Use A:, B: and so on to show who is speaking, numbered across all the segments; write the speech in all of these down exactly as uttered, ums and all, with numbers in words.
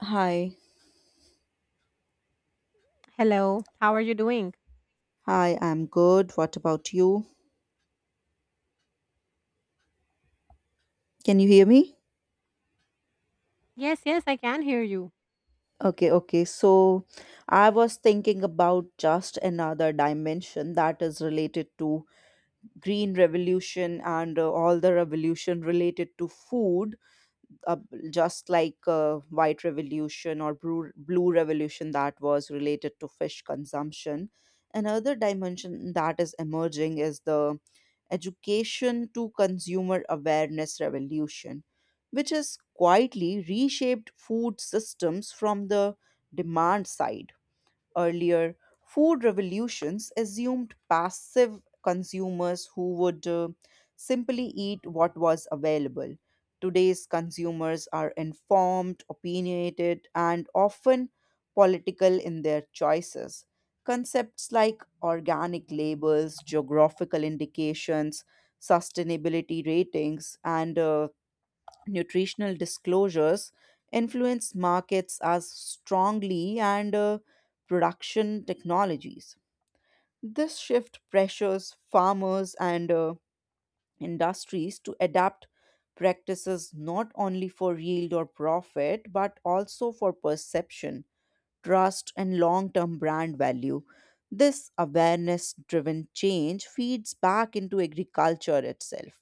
A: Hi.
B: Hello, how are you doing?
A: Hi, I'm good. What about you? Can you hear me?
B: Yes, yes, I can hear you.
A: Okay, okay. So I was thinking about just another dimension that is related to green revolution and uh, all the revolution related to food uh, just like uh, white revolution or blue, blue revolution that was related to fish consumption. Another dimension that is emerging is the education to consumer awareness revolution, which has quietly reshaped food systems from the demand side. Earlier, food revolutions assumed passive consumers who would uh, simply eat what was available. Today's consumers are informed, opinionated, and often political in their choices. Concepts like organic labels, geographical indications, sustainability ratings, and uh, nutritional disclosures influence markets as strongly and uh, production technologies. This shift pressures farmers and uh, industries to adapt practices not only for yield or profit but also for perception, trust, and long term brand value. This awareness driven change feeds back into agriculture itself.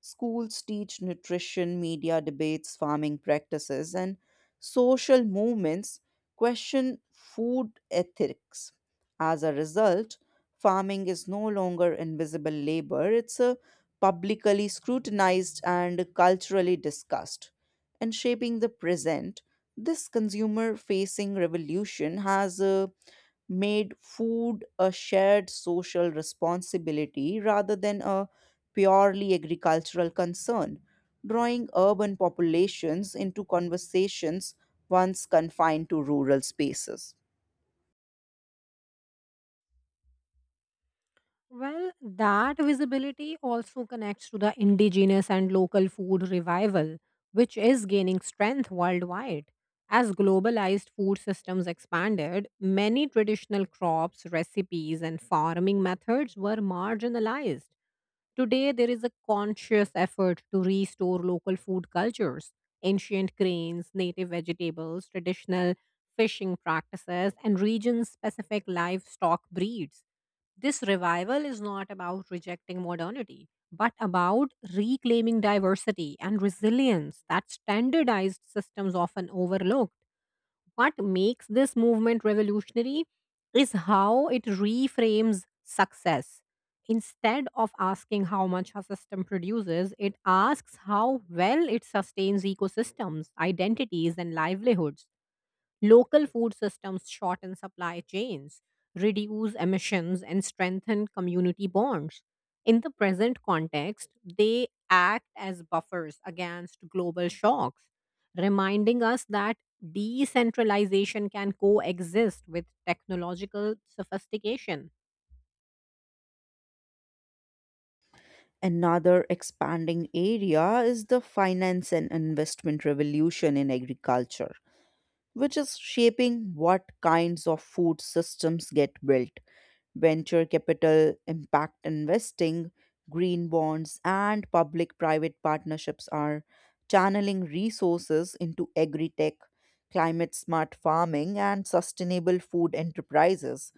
A: Schools teach nutrition, media debates, farming practices, and social movements question food ethics. As a result, farming is no longer invisible labor, it's a publicly scrutinized and culturally discussed. In shaping the present, this consumer facing revolution has uh, made food a shared social responsibility rather than a purely agricultural concern, drawing urban populations into conversations once confined to rural spaces.
B: Well, that visibility also connects to the indigenous and local food revival, which is gaining strength worldwide. As globalized food systems expanded, many traditional crops, recipes, and farming methods were marginalized. Today, there is a conscious effort to restore local food cultures, ancient grains, native vegetables, traditional fishing practices, and region specific livestock breeds. This revival is not about rejecting modernity, but about reclaiming diversity and resilience that standardized systems often overlook. What makes this movement revolutionary is how it reframes success. Instead of asking how much a system produces, it asks how well it sustains ecosystems, identities, and livelihoods. Local food systems shorten supply chains, reduce emissions, and strengthen community bonds. In the present context, they act as buffers against global shocks, reminding us that decentralization can coexist with technological sophistication.
A: Another expanding area is the finance and investment revolution in agriculture, which is shaping what kinds of food systems get built. Venture capital, impact investing, green bonds, and public private partnerships are channeling resources into agri tech, climate smart farming, and sustainable food enterprises.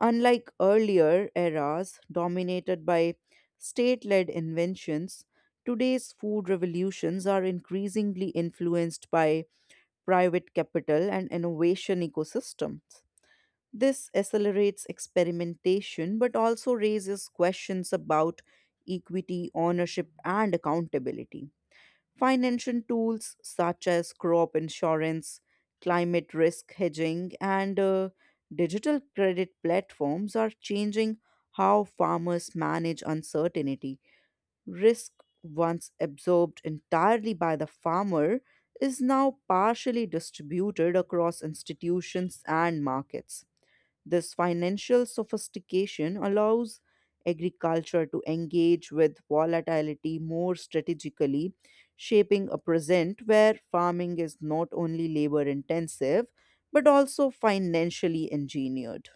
A: Unlike earlier eras dominated by state led inventions, today's food revolutions are increasingly influenced by private capital, and innovation ecosystems. This accelerates experimentation but also raises questions about equity, ownership, and accountability. Financial tools such as crop insurance, climate risk hedging, and uh, digital credit platforms are changing how farmers manage uncertainty. Risk, once absorbed entirely by the farmer, is now partially distributed across institutions and markets. This financial sophistication allows agriculture to engage with volatility more strategically, shaping a present where farming is not only labor intensive but also financially engineered.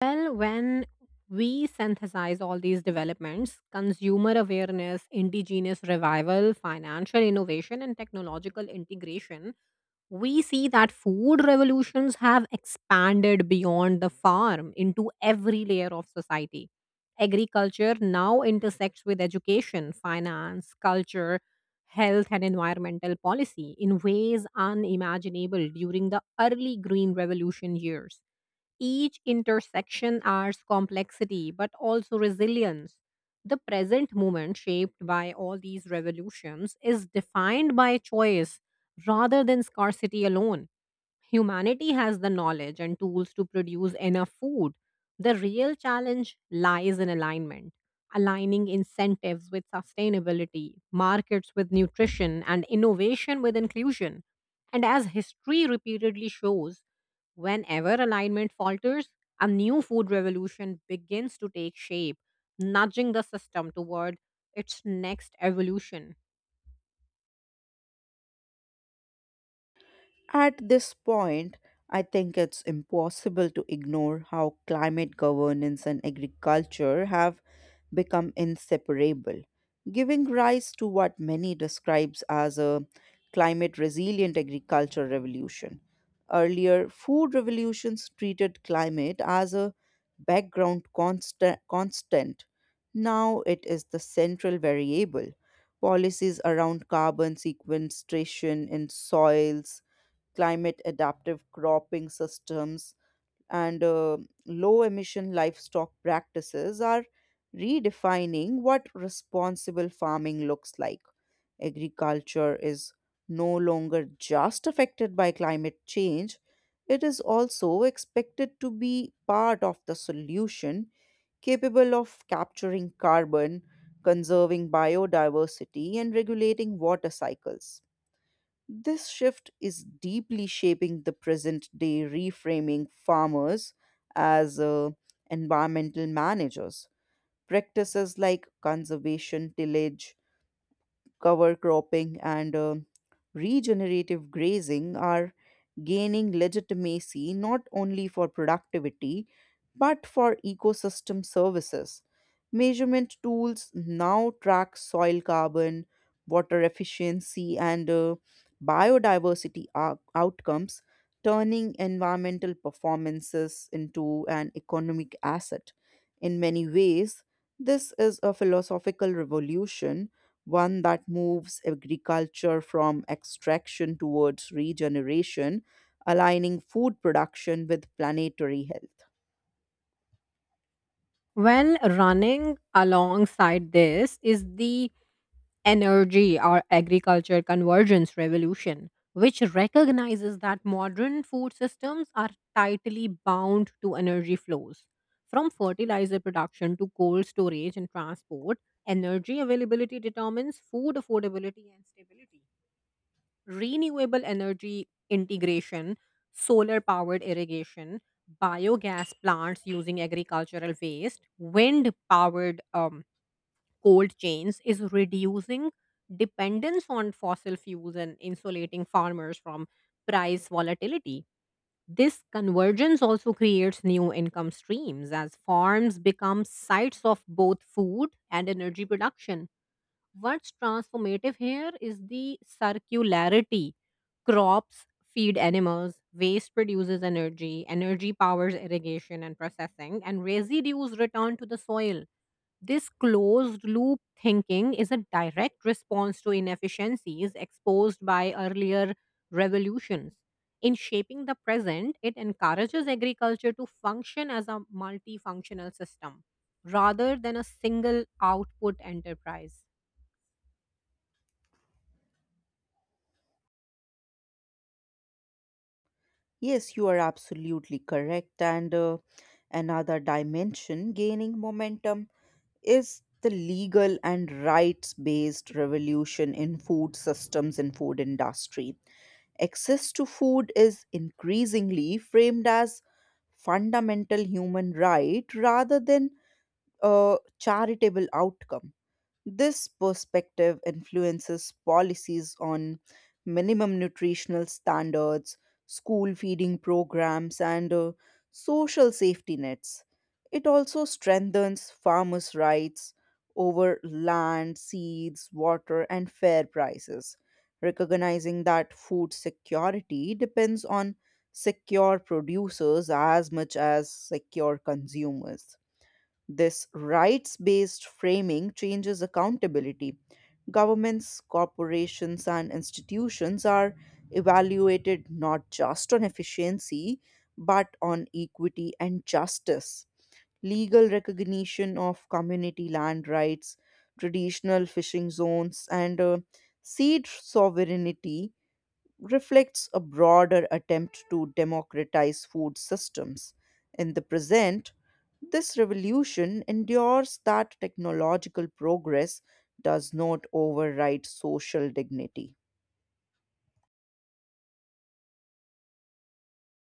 B: Well, when we synthesize all these developments, consumer awareness, indigenous revival, financial innovation, and technological integration, we see that food revolutions have expanded beyond the farm into every layer of society. Agriculture now intersects with education, finance, culture, health, and environmental policy in ways unimaginable during the early Green Revolution years. Each intersection adds complexity but also resilience. The present moment, shaped by all these revolutions, is defined by choice rather than scarcity alone. Humanity has the knowledge and tools to produce enough food. The real challenge lies in alignment, aligning incentives with sustainability, markets with nutrition, and innovation with inclusion. And as history repeatedly shows, whenever alignment falters, a new food revolution begins to take shape, nudging the system toward its next evolution.
A: At this point, I think it's impossible to ignore how climate governance and agriculture have become inseparable, giving rise to what many describes as a climate resilient agriculture revolution. Earlier, food revolutions treated climate as a background constant, constant. Now it is the central variable. Policies around carbon sequestration in soils, climate adaptive cropping systems, and uh, low emission livestock practices are redefining what responsible farming looks like. Agriculture is no longer just affected by climate change, it is also expected to be part of the solution, capable of capturing carbon, conserving biodiversity, and regulating water cycles. This shift is deeply shaping the present day, reframing farmers as uh, environmental managers. Practices like conservation, tillage, cover cropping, and uh, regenerative grazing are gaining legitimacy not only for productivity but for ecosystem services. Measurement tools now track soil carbon, water efficiency, and uh, biodiversity ou- outcomes, turning environmental performances into an economic asset. In many ways, this is a philosophical revolution, one that moves agriculture from extraction towards regeneration, aligning food production with planetary health.
B: Well, running alongside this is the energy or agriculture convergence revolution, which recognizes that modern food systems are tightly bound to energy flows. From fertilizer production to cold storage and transport, energy availability determines food affordability and stability. Renewable energy integration, solar powered irrigation, biogas plants using agricultural waste, wind powered um, cold chains is reducing dependence on fossil fuels and insulating farmers from price volatility. This convergence also creates new income streams as farms become sites of both food and energy production. What's transformative here is the circularity. Crops feed animals, waste produces energy, energy powers irrigation and processing, and residues return to the soil. This closed loop thinking is a direct response to inefficiencies exposed by earlier revolutions. In shaping the present, it encourages agriculture to function as a multifunctional system rather than a single output enterprise.
A: Yes, you are absolutely correct. And uh, another dimension gaining momentum is the legal and rights based revolution in food systems and food industry. Access to food is increasingly framed as fundamental human right rather than a charitable outcome. This perspective influences policies on minimum nutritional standards, school feeding programs, and uh, social safety nets. It also strengthens farmers' rights over land, seeds, water, and fair prices, recognizing that food security depends on secure producers as much as secure consumers. This rights based framing changes accountability. Governments, corporations, and institutions are evaluated not just on efficiency, but on equity and justice. Legal recognition of community land rights, traditional fishing zones, and uh, seed sovereignty reflects a broader attempt to democratize food systems. In the present, this revolution endures that technological progress does not override social dignity.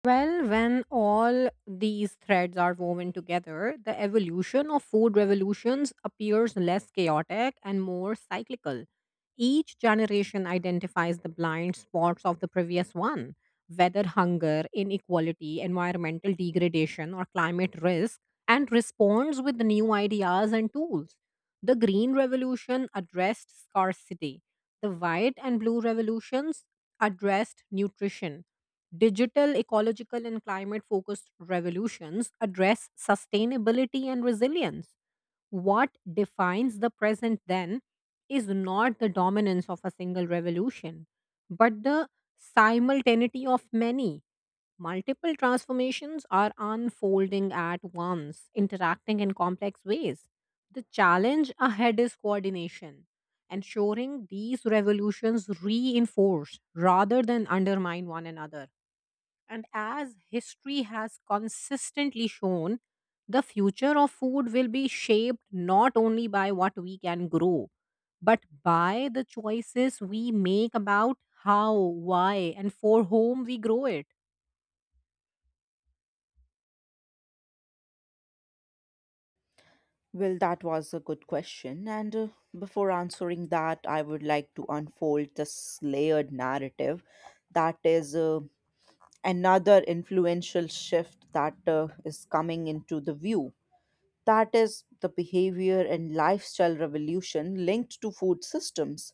B: Well, when all these threads are woven together, the evolution of food revolutions appears less chaotic and more cyclical. Each generation identifies the blind spots of the previous one, whether hunger, inequality, environmental degradation, or climate risk, and responds with new ideas and tools. The Green Revolution addressed scarcity, the White and Blue Revolutions addressed nutrition. Digital, ecological, and climate focused revolutions address sustainability and resilience. What defines the present then is not the dominance of a single revolution, but the simultaneity of many. Multiple transformations are unfolding at once, interacting in complex ways. The challenge ahead is coordination, ensuring these revolutions reinforce rather than undermine one another. And as history has consistently shown, the future of food will be shaped not only by what we can grow, but by the choices we make about how, why, and for whom we grow it.
A: Well, that was a good question. And uh, before answering that, I would like to unfold this layered narrative that is uh, another influential shift that uh, is coming into the view. That is the behavior and lifestyle revolution linked to food systems.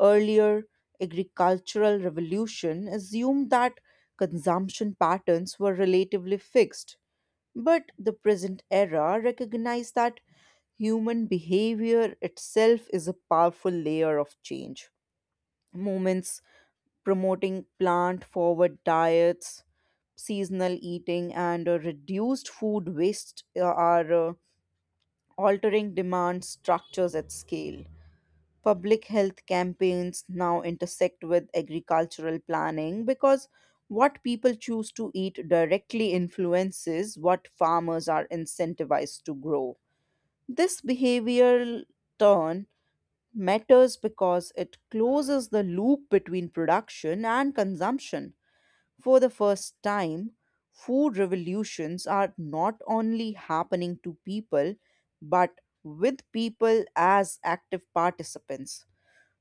A: Earlier, agricultural revolution assumed that consumption patterns were relatively fixed, but the present era recognized that human behavior itself is a powerful layer of change. Movements promoting plant forward diets, seasonal eating, and uh, reduced food waste uh, are uh, altering demand structures at scale. Public health campaigns now intersect with agricultural planning because what people choose to eat directly influences what farmers are incentivized to grow. This behavioral turn matters because it closes the loop between production and consumption. For the first time, food revolutions are not only happening to people, but with people as active participants.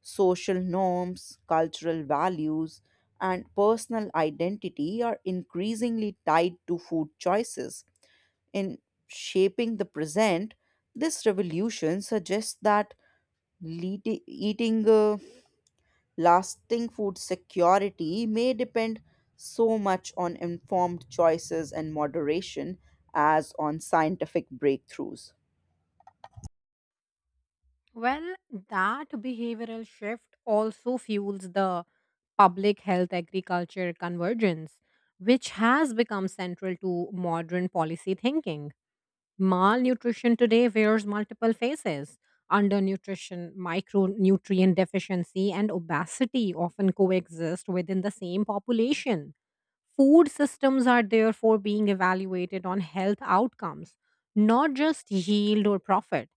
A: Social norms, cultural values, and personal identity are increasingly tied to food choices. In shaping the present, this revolution suggests that leati- eating uh, Lasting food security may depend so much on informed choices and moderation as on scientific breakthroughs.
B: Well, that behavioral shift also fuels the public health agriculture convergence, which has become central to modern policy thinking. Malnutrition today wears multiple faces. Undernutrition, micronutrient deficiency, and obesity often coexist within the same population. Food systems are therefore being evaluated on health outcomes, not just yield or profit.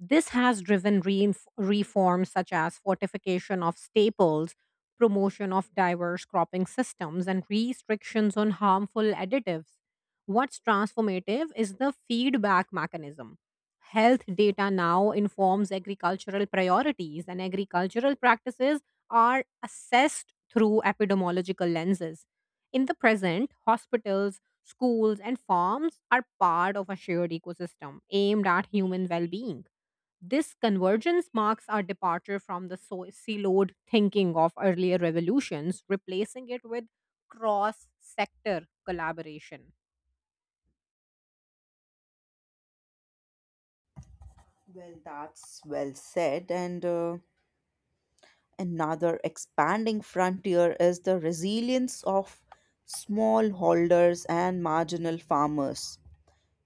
B: This has driven reinf- reforms such as fortification of staples, promotion of diverse cropping systems, and restrictions on harmful additives. What's transformative is the feedback mechanism. Health data now informs agricultural priorities, and agricultural practices are assessed through epidemiological lenses. In the present, hospitals, schools, and farms are part of a shared ecosystem aimed at human well being. This convergence marks our departure from the so- siloed thinking of earlier revolutions, replacing it with cross sector collaboration.
A: Well, that's well said. And uh, another expanding frontier is the resilience of smallholders and marginal farmers,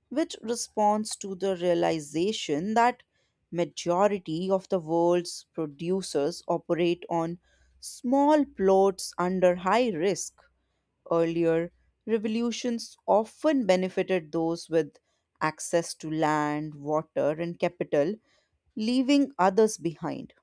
A: which responds to the realization that majority of the world's producers operate on small plots under high risk. Earlier, revolutions often benefited those with access to land, water, and capital, leaving others behind.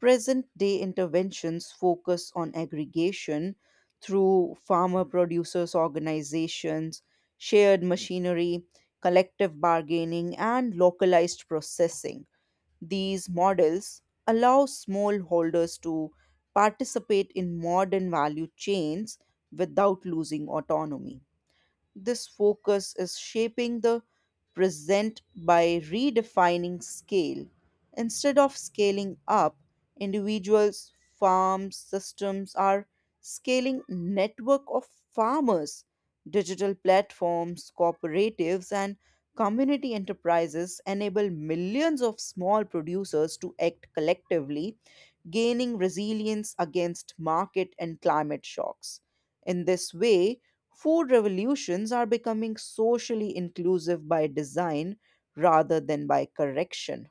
A: Present day interventions focus on aggregation through farmer producers organizations, shared machinery, collective bargaining, and localized processing. These models allow smallholders to participate in modern value chains without losing autonomy. This focus is shaping the present by redefining scale. Instead of scaling up, individuals, farms, systems are scaling network of farmers, digital platforms, cooperatives and community enterprises enable millions of small producers to act collectively, gaining resilience against market and climate shocks. In this way, food revolutions are becoming socially inclusive by design rather than by correction.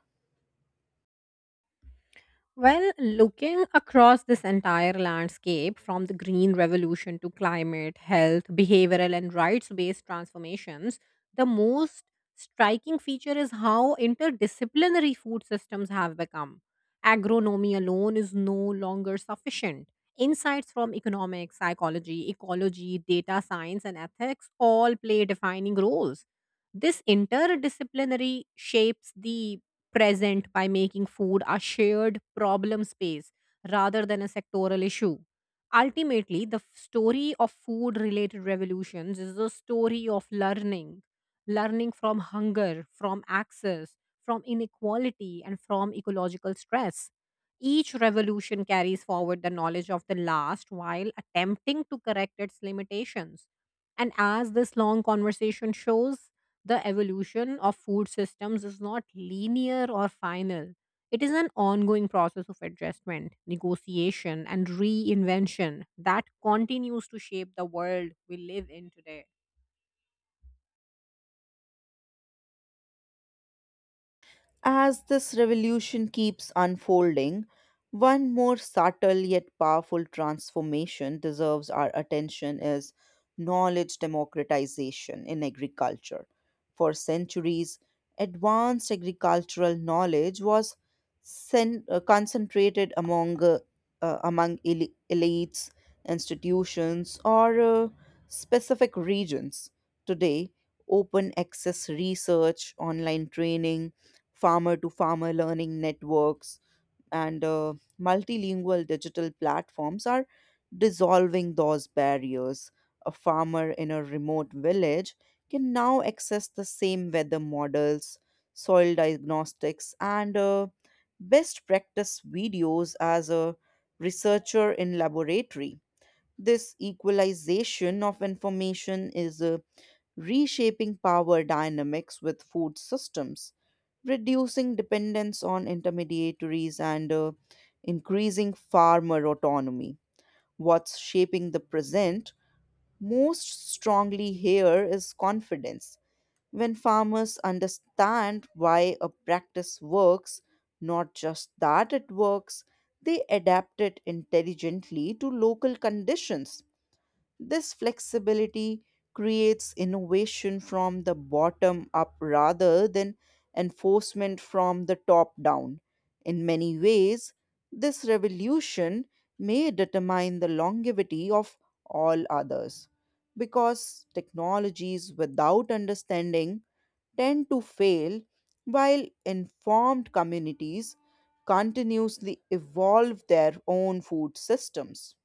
B: Well, looking across this entire landscape from the Green Revolution to climate, health, behavioral, and rights based transformations, the most striking feature is how interdisciplinary food systems have become. Agronomy alone is no longer sufficient. Insights from economics, psychology, ecology, data science, and ethics all play defining roles. This interdisciplinary shapes the present by making food a shared problem space rather than a sectoral issue. Ultimately, the f- story of food related revolutions is a story of learning, learning from hunger, from access, from inequality, and from ecological stress. Each revolution carries forward the knowledge of the last while attempting to correct its limitations. And as this long conversation shows, the evolution of food systems is not linear or final. It is an ongoing process of adjustment, negotiation, and reinvention that continues to shape the world we live in today.
A: As this revolution keeps unfolding, one more subtle yet powerful transformation deserves our attention is knowledge democratization in agriculture. For centuries, advanced agricultural knowledge was cen- uh, concentrated among uh, uh, among eli- elites, institutions, or uh, specific regions. Today, open access research, online training, farmer to farmer learning networks and uh, multilingual digital platforms are dissolving those barriers. A farmer in a remote village can now access the same weather models, soil diagnostics, and uh, best practice videos as a researcher in laboratory. This equalization of information is uh, reshaping power dynamics with food systems, reducing dependence on intermediaries, and uh, increasing farmer autonomy. What's shaping the present most strongly here is confidence. When farmers understand why a practice works, not just that it works, they adapt it intelligently to local conditions. This flexibility creates innovation from the bottom up rather than enforcement from the top down. In many ways, this revolution may determine the longevity of all others because technologies without understanding tend to fail while informed communities continuously evolve their own food systems.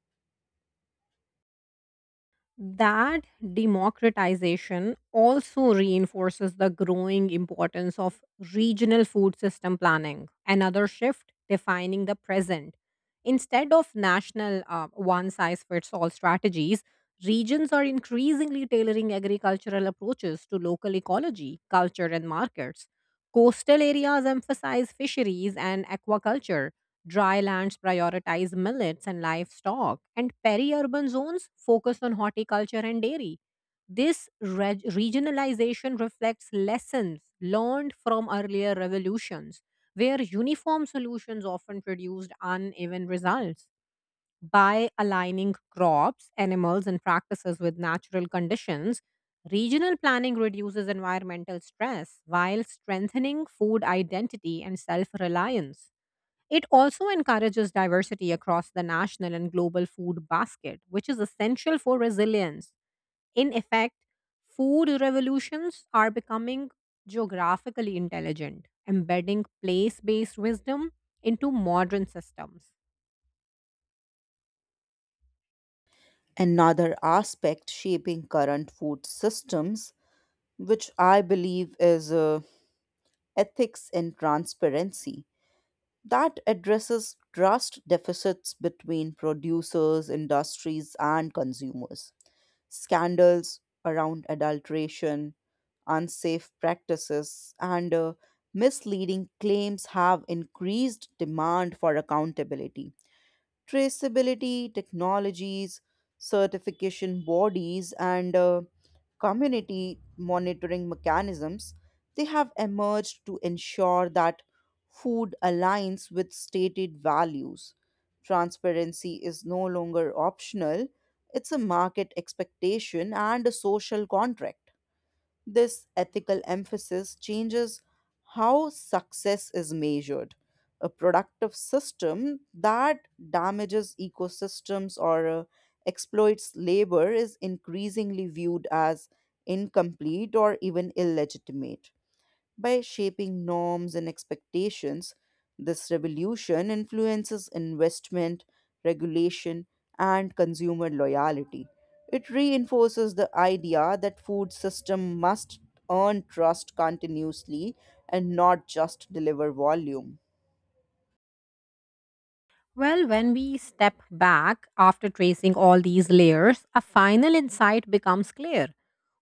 B: That democratization also reinforces the growing importance of regional food system planning, another shift defining the present. Instead of national uh, one size fits all strategies, regions are increasingly tailoring agricultural approaches to local ecology, culture, and markets. Coastal areas emphasize fisheries and aquaculture, dry lands prioritize millets and livestock, and peri-urban zones focus on horticulture and dairy. This reg- regionalization reflects lessons learned from earlier revolutions, where uniform solutions often produced uneven results. By aligning crops, animals, and practices with natural conditions, regional planning reduces environmental stress while strengthening food identity and self reliance. It also encourages diversity across the national and global food basket, which is essential for resilience. In effect, food revolutions are becoming geographically intelligent, embedding place based wisdom into modern systems.
A: Another aspect shaping current food systems, which I believe is uh, ethics and transparency. That addresses trust deficits between producers, industries, and consumers. Scandals around adulteration, unsafe practices, and uh, misleading claims have increased demand for accountability. Traceability technologies, certification bodies, and uh, community monitoring mechanisms, they have emerged to ensure that food aligns with stated values. Transparency is no longer optional, it's a market expectation and a social contract. This ethical emphasis changes how success is measured. A productive system that damages ecosystems or uh, exploits labor is increasingly viewed as incomplete or even illegitimate. By shaping norms and expectations, this revolution influences investment, regulation, and consumer loyalty. It reinforces the idea that food system must earn trust continuously and not just deliver volume.
B: Well, when we step back after tracing all these layers, a final insight becomes clear.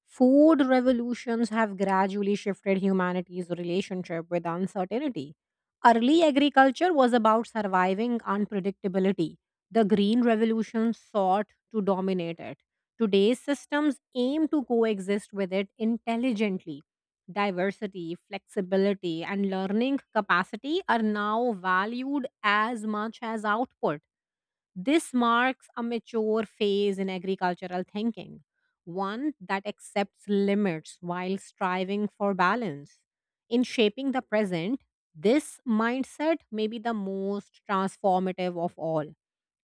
B: Food revolutions have gradually shifted humanity's relationship with uncertainty. Early agriculture was about surviving unpredictability. The Green Revolution sought to dominate it. Today's systems aim to coexist with it intelligently. Diversity, flexibility, and learning capacity are now valued as much as output. This marks a mature phase in agricultural thinking, one that accepts limits while striving for balance. In shaping the present, this mindset may be the most transformative of all.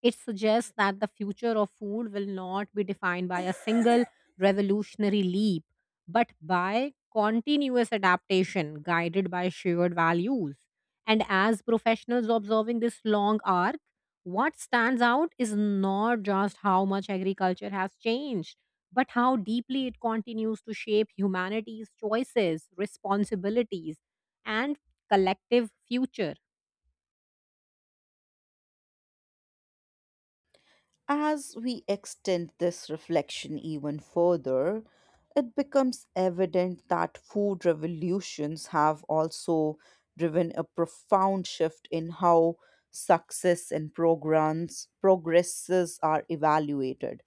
B: It suggests that the future of food will not be defined by a single revolutionary leap, but by continuous adaptation guided by shared values. And as professionals observing this long arc, what stands out is not just how much agriculture has changed, but how deeply it continues to shape humanity's choices, responsibilities, and collective future.
A: As we extend this reflection even further, it becomes evident that food revolutions have also driven a profound shift in how success and programs progresses are evaluated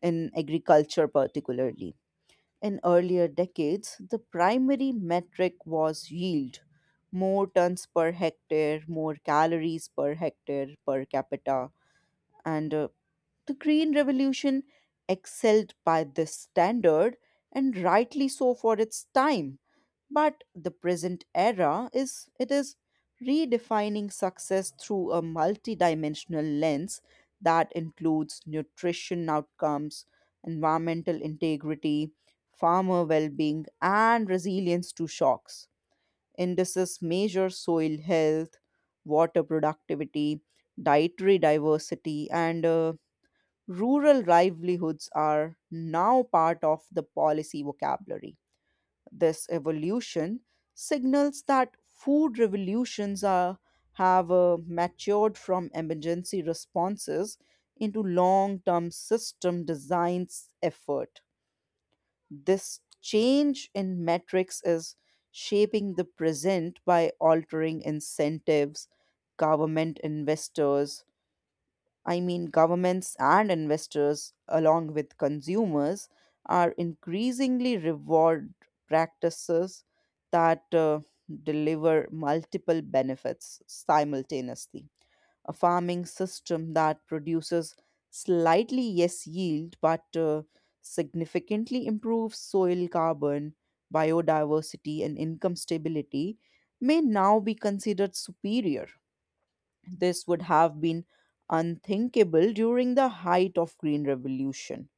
A: in agriculture, particularly in earlier decades. The primary metric was yield, more tons per hectare, more calories per hectare per capita, and uh, the Green Revolution excelled by this standard, and rightly so for its time. But the present era is it is redefining success through a multidimensional lens that includes nutrition outcomes, environmental integrity, farmer well-being, and resilience to shocks. Indices measure soil health, water productivity, dietary diversity, and uh, rural livelihoods are now part of the policy vocabulary. This evolution signals that food revolutions are, have uh, matured from emergency responses into long term system designs effort. This change in metrics is shaping the present by altering incentives, government investors, I mean, governments and investors, along with consumers, are increasingly reward practices that uh, deliver multiple benefits simultaneously. A farming system that produces slightly less yield but uh, significantly improves soil carbon, biodiversity, and income stability may now be considered superior. This would have been unthinkable during the height of Green Revolution.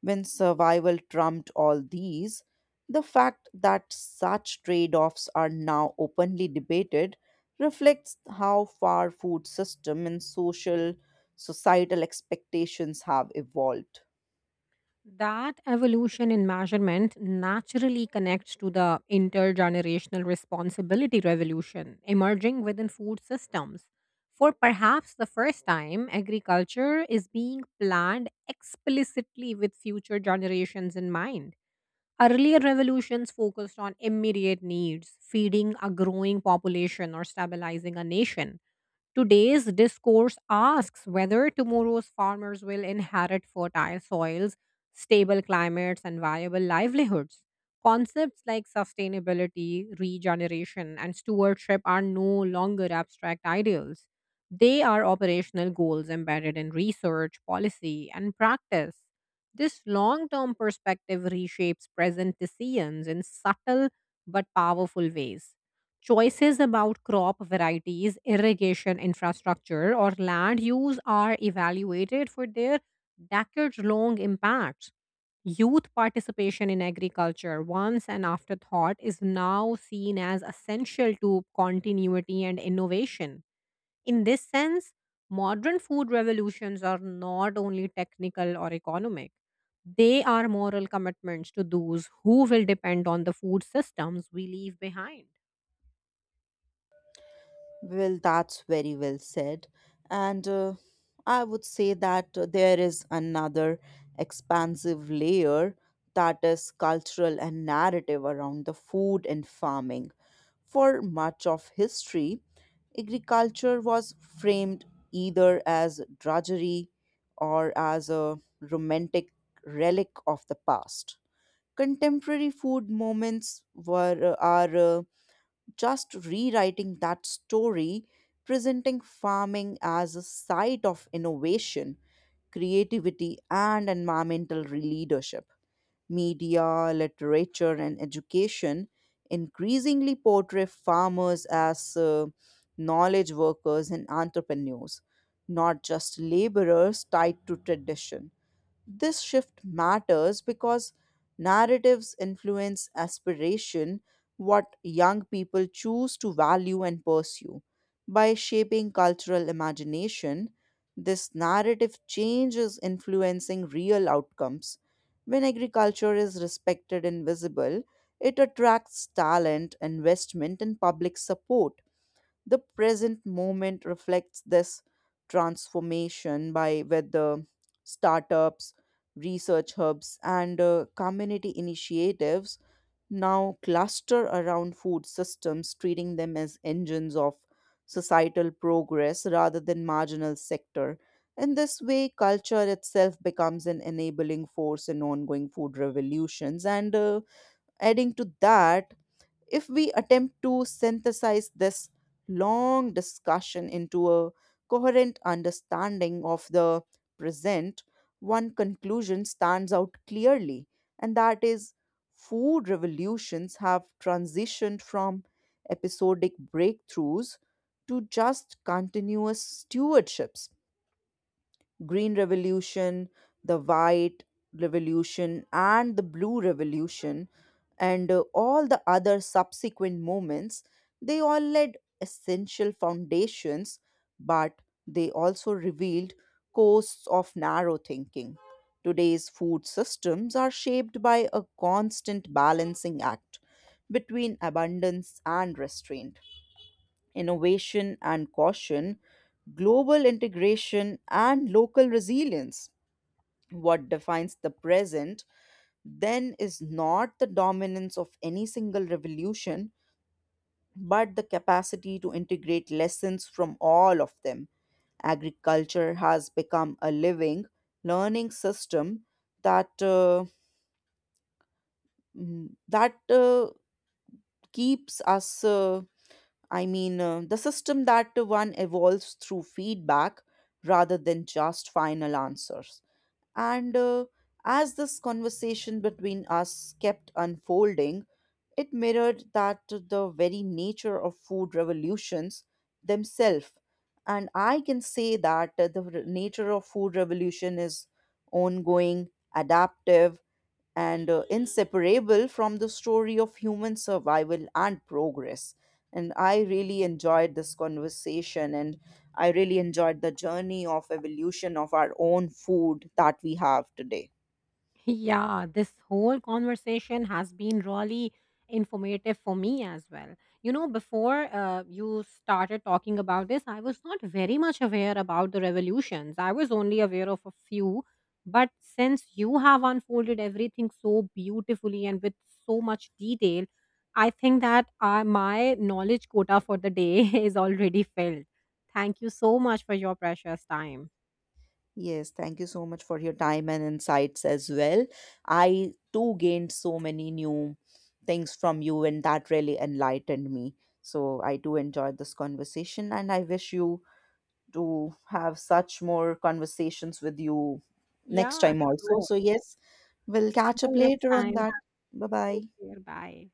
A: When survival trumped all these, the fact that such trade offs are now openly debated reflects how far food system and social societal expectations have evolved.
B: That evolution in measurement naturally connects to the intergenerational responsibility revolution emerging within food systems. For perhaps the first time, agriculture is being planned explicitly with future generations in mind. Earlier revolutions focused on immediate needs, feeding a growing population or stabilizing a nation. Today's discourse asks whether tomorrow's farmers will inherit fertile soils, stable climates, and viable livelihoods. Concepts like sustainability, regeneration, and stewardship are no longer abstract ideals. They are operational goals embedded in research, policy, and practice. This long term perspective reshapes present decisions in subtle but powerful ways. Choices about crop varieties, irrigation infrastructure, or land use are evaluated for their decades long impacts. Youth participation in agriculture, once an afterthought, is now seen as essential to continuity and innovation. In this sense, modern food revolutions are not only technical or economic, they are moral commitments to those who will depend on the food systems we leave behind.
A: Well, that's very well said. And uh, I would say that uh, there is another expansive layer that is cultural and narrative around the food and farming. For much of history, agriculture was framed either as drudgery or as a romantic relic of the past. Contemporary food moments were are uh, just rewriting that story, presenting farming as a site of innovation, creativity, and environmental leadership. Media, literature, and education increasingly portray farmers as uh, knowledge workers and entrepreneurs, not just laborers tied to tradition. This shift matters because narratives influence aspiration, what young people choose to value and pursue. By shaping cultural imagination, this narrative change is influencing real outcomes. When agriculture is respected and visible, it attracts talent, investment, and public support. The present moment reflects this transformation by whether startups, research hubs, and uh, community initiatives now cluster around food systems, treating them as engines of societal progress rather than marginal sector. In this way, culture itself becomes an enabling force in ongoing food revolutions. And uh, adding to that, if we attempt to synthesize this long discussion into a coherent understanding of the present, one conclusion stands out clearly, and that is food revolutions have transitioned from episodic breakthroughs to just continuous stewardships. Green revolution, the white revolution and the blue revolution and uh, all the other subsequent movements, they all laid essential foundations but they also revealed coasts of narrow thinking. Today's food systems are shaped by a constant balancing act between abundance and restraint, innovation and caution, global integration and local resilience. What defines the present then is not the dominance of any single revolution, but the capacity to integrate lessons from all of them. Agriculture has become a living, learning system that uh, mm, that uh, keeps us uh, I mean, uh, the system that one evolves through feedback rather than just final answers. And uh, as this conversation between us kept unfolding, it mirrored that the very nature of food revolutions themselves. And I can say that uh, the re- nature of food revolution is ongoing, adaptive, and uh, inseparable from the story of human survival and progress. And I really enjoyed this conversation and I really enjoyed the journey of evolution of our own food that we have today.
B: Yeah, this whole conversation has been really informative for me as well. You know, before uh, you started talking about this, I was not very much aware about the revolutions. I was only aware of a few. But since you have unfolded everything so beautifully and with so much detail, I think that uh, my knowledge quota for the day is already filled. Thank you so much for your precious time.
A: Yes, thank you so much for your time and insights as well. I too gained so many new things from you, and that really enlightened me. So, I too enjoyed this conversation, and I wish you to have such more conversations with you next
B: Yeah,
A: time also.
B: sure.
A: So, yes, we'll catch up
B: Until next
A: later on
B: time,
A: that. Bye bye.
B: take care. Bye.